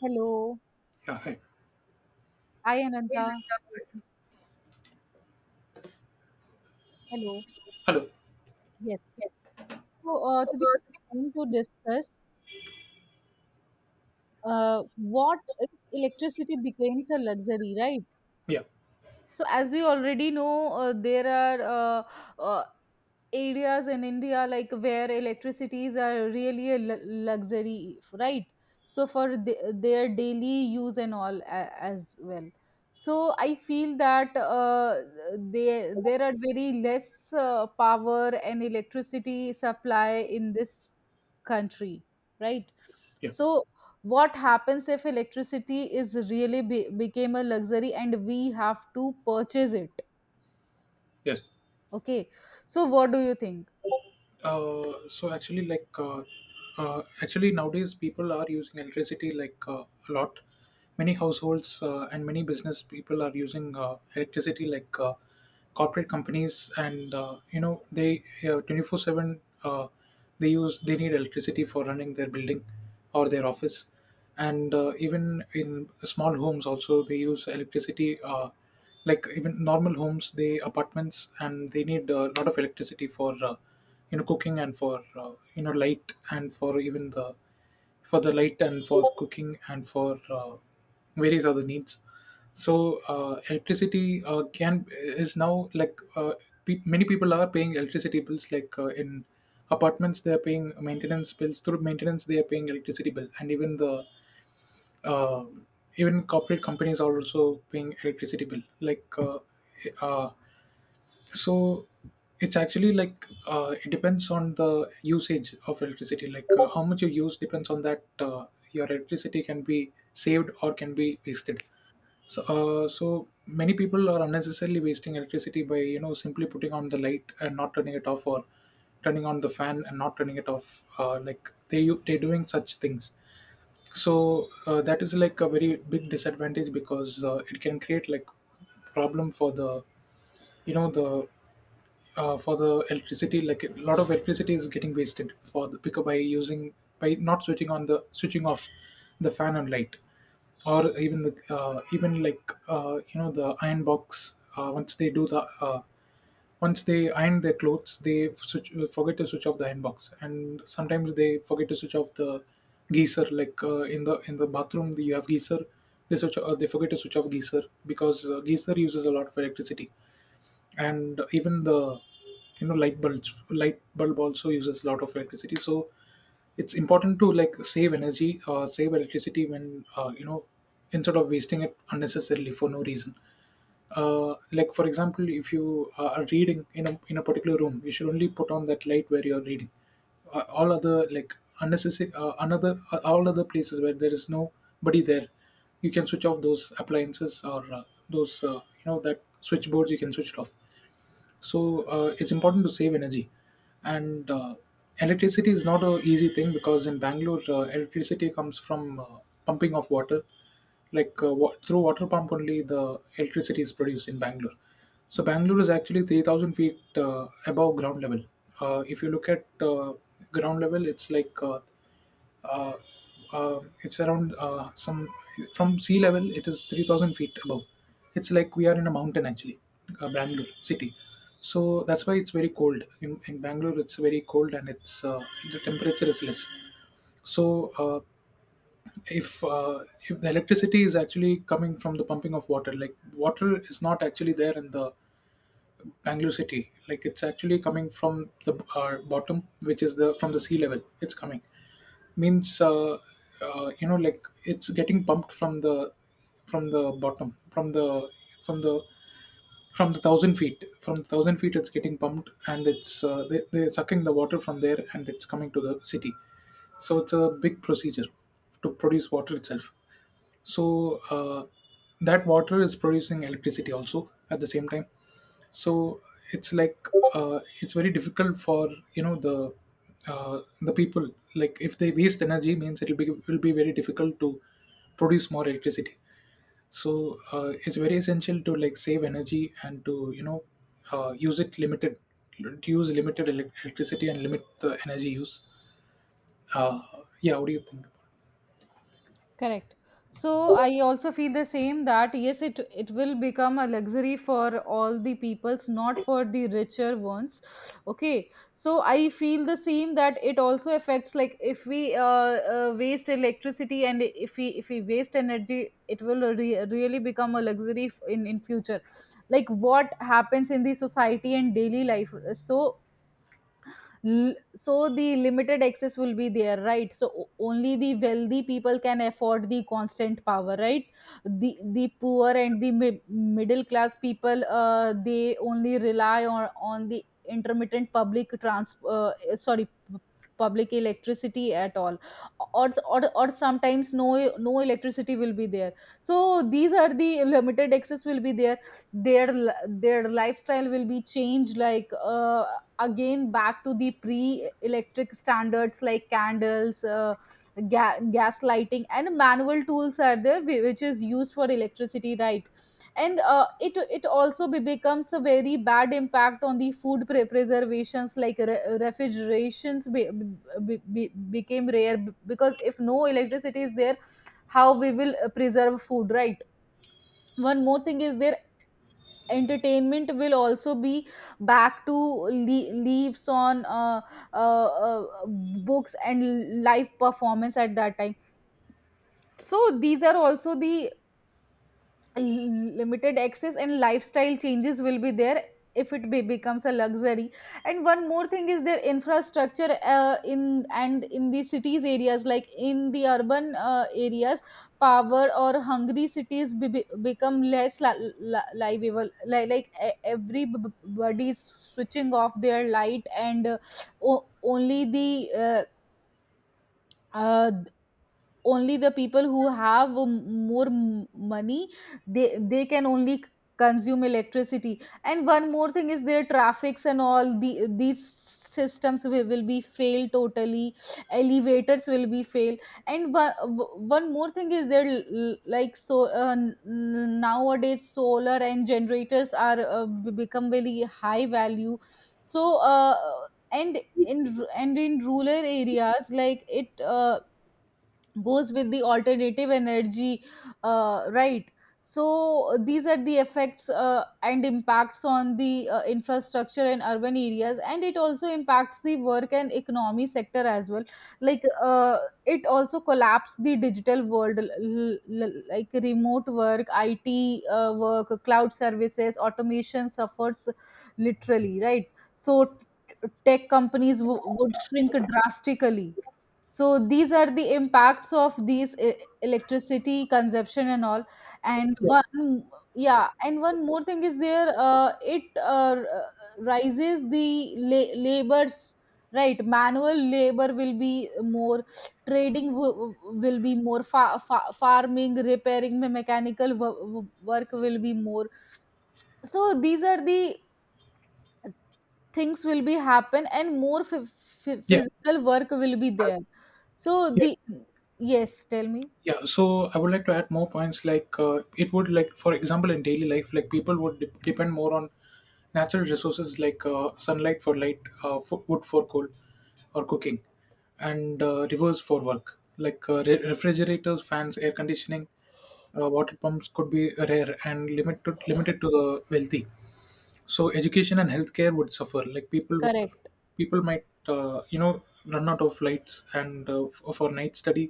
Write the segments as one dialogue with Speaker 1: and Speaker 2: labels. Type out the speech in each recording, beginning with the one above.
Speaker 1: Hello.
Speaker 2: Yeah, hi.
Speaker 1: Hi, Ananta.
Speaker 2: Yeah.
Speaker 1: Hello.
Speaker 2: Hello.
Speaker 1: Yes.
Speaker 2: So,
Speaker 1: Today we're going to discuss what if electricity becomes a luxury, right?
Speaker 2: Yeah,
Speaker 1: So, as we already know, there are areas in India like where electricities are really a luxury, right? So for their daily use and all as well. So I feel that there are very less power and electricity supply in this country, right?
Speaker 2: yeah,
Speaker 1: So what happens if electricity is really became a luxury and we have to purchase it.
Speaker 2: yes.
Speaker 1: Okay, so what do you think?
Speaker 2: So actually, actually nowadays people are using electricity a lot. Many households and many business people are using electricity corporate companies, and you know they 24/7. Uh, they need electricity for running their building or their office, and even in small homes also they use electricity. Uh, like even normal homes they apartments and they need a lot of electricity for cooking and for light and for even the for the light and for cooking and for various other needs. So uh, electricity uh, can is now many people are paying electricity bills in apartments. They are paying maintenance bills. Through maintenance they are paying electricity bill, and even the um, even corporate companies are also paying electricity bill uh, so it's actually it depends on the usage of electricity, how much you use depends on that your electricity can be saved or can be wasted. So so many people are unnecessarily wasting electricity by, you know, simply putting on the light and not turning it off, or turning on the fan and not turning it off. They're doing such things. So that is like a very big disadvantage, because it can create like problem for the you know the for the electricity. Like a lot of electricity is getting wasted for the picker by using by not switching on the switching off the fan and light, or even the even like you know the iron box. Once they do the once they iron their clothes they forget to switch off the iron box, and sometimes they forget to switch off the geyser. In the in the bathroom you have geyser, they switch they forget to switch off geyser, because geyser uses a lot of electricity. And even the light bulb also uses a lot of electricity. So it's important to like save energy, save electricity, when you know instead of wasting it unnecessarily for no reason. Like for example, if you are reading in in a particular room, you should only put on that light where you're reading. All other like unnecessary another all other places where there is nobody there, you can switch off those appliances, or those you know that switchboards you can switch it off. So it's important to save energy. And electricity is not a easy thing, because in Bangalore electricity comes from pumping of water. Through water pump only the electricity is produced in Bangalore. So Bangalore is actually 3,000 feet above ground level. If you look at ground level, it's like uh, it's around some from sea level, it is 3,000 feet above. It's like we are in a mountain actually, Bangalore city. So that's why it's very cold in Bangalore. It's very cold, and it's the temperature is less. So if the electricity is actually coming from the pumping of water, like water is not actually there in the Bangalore city. Like it's actually coming from the bottom, which is the from the sea level. It's coming means you know like it's getting pumped from the bottom from the from the from the thousand feet from the thousand feet. It's getting pumped, and it's they're sucking the water from there and it's coming to the city. So it's a big procedure to produce water itself. So that water is producing electricity also at the same time. So it's like it's very difficult for you know the the people, like if they waste energy means it'll be will be very difficult to produce more electricity. So it's very essential to like save energy, and to use it limited, to use limited electricity and limit the energy use. uh, yeah, what do you think?
Speaker 1: Correct. So I also feel the same that yes, it will become a luxury for all the peoples, not for the richer ones. Okay. So I feel the same that it also affects like if we waste electricity and if we waste energy, it will really become a luxury in future. Like what happens in the society and daily life. So so the limited access will be there, right? So only the wealthy people can afford the constant power, right? The poor and the middle class people they only rely on the intermittent public public electricity at all, or sometimes no electricity will be there. So these are the limited access will be there. Their lifestyle will be changed, like again back to the pre-electric standards like candles, gas lighting, and manual tools are there, which is used for electricity, right? And it it also becomes a very bad impact on the food preservations like refrigerations became rare because if no electricity is there, how we will preserve food, right? One more thing is there, entertainment will also be back to leaves on books and live performance at that time. So these are also the limited access and lifestyle changes will be there if it becomes a luxury. And one more thing is their infrastructure, in and in the cities areas, like in the urban areas, power or hungry cities become less livable, like everybody is switching off their light and o- only the uh, uh, only the people who have more money, they they can only consume electricity. And one more thing is their traffics and all the these systems will be failed totally, elevators will be failed. And one more thing is there like, so nowadays solar and generators are become very high value. So and in rural areas like it goes with the alternative energy, right. So these are the effects and impacts on the infrastructure in urban areas, and it also impacts the work and economy sector as well, like it also collapse the digital world, like remote work, it work, cloud services, automation suffers literally, right? So tech companies would shrink drastically. So these are the impacts of electricity consumption and all. And one Yeah, and one more thing is there, rises the labors, right? Manual labor will be more, trading will be more, farming, repairing, mechanical work will be more. So these are the things will be happen, and more
Speaker 2: Yeah.
Speaker 1: physical work will be
Speaker 2: I-.
Speaker 1: there. So
Speaker 2: Yeah.
Speaker 1: the, yes tell me.
Speaker 2: Yeah, so I would like to add more points. It would, like for example in daily life, like people would depend more on natural resources, like sunlight for light, fo wood for coal or cooking, and rivers for work. Refrigerators, fans, air conditioning, water pumps could be rare and limited to the wealthy. So education and healthcare would suffer.
Speaker 1: Correct.
Speaker 2: People might, run out of lights and for night study,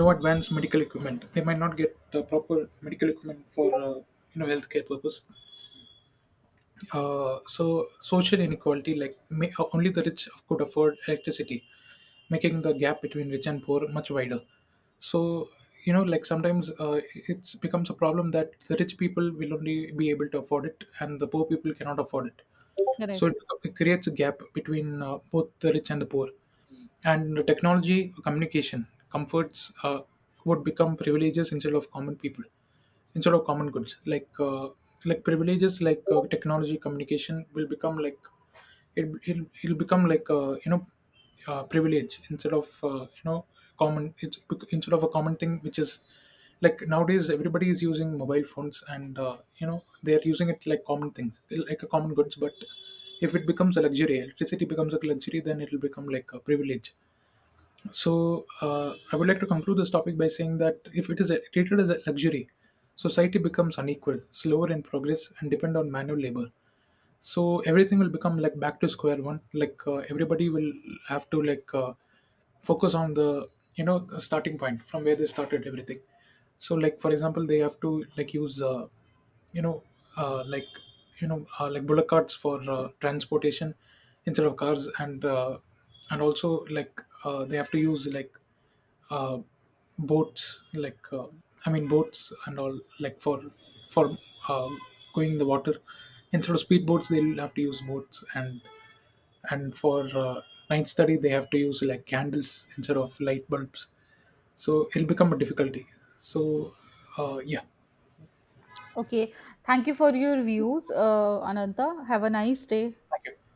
Speaker 2: no advanced medical equipment. They might not get the proper medical equipment for healthcare purpose. So social inequality, only the rich could afford electricity, making the gap between rich and poor much wider. So you know, like sometimes it becomes a problem that the rich people will only be able to afford it and the poor people cannot afford it. so it,
Speaker 1: Correct.
Speaker 2: it creates a gap between both the rich and the poor. And the technology, communication, comforts would become privileges instead of common people, instead of common goods. Like privileges, like technology, communication will become like it'll become like, privilege instead of, common. Instead of a common thing, which is like nowadays everybody is using mobile phones and, they're using it like common things, like a common goods. But if it becomes a luxury, electricity becomes a luxury, then it'll become like a privilege. So I would like to conclude this topic by saying that if it is treated as a luxury, society becomes unequal, slower in progress, and depend on manual labor. So everything will become like back to square one. Like everybody will have to focus on the, you know, starting point from where they started everything. So like for example, they have to like use you know uh, like like bullock carts for transportation instead of cars. And also like they have to use like uh, boats, boats and all, like for for uh, going the water instead of speedboats. They'll have to use boats. And for night study, they have to use like candles instead of light bulbs. So it'll become a difficulty. so yeah,
Speaker 1: Okay, thank you for your views, Ananta, have a nice day.
Speaker 2: thank you.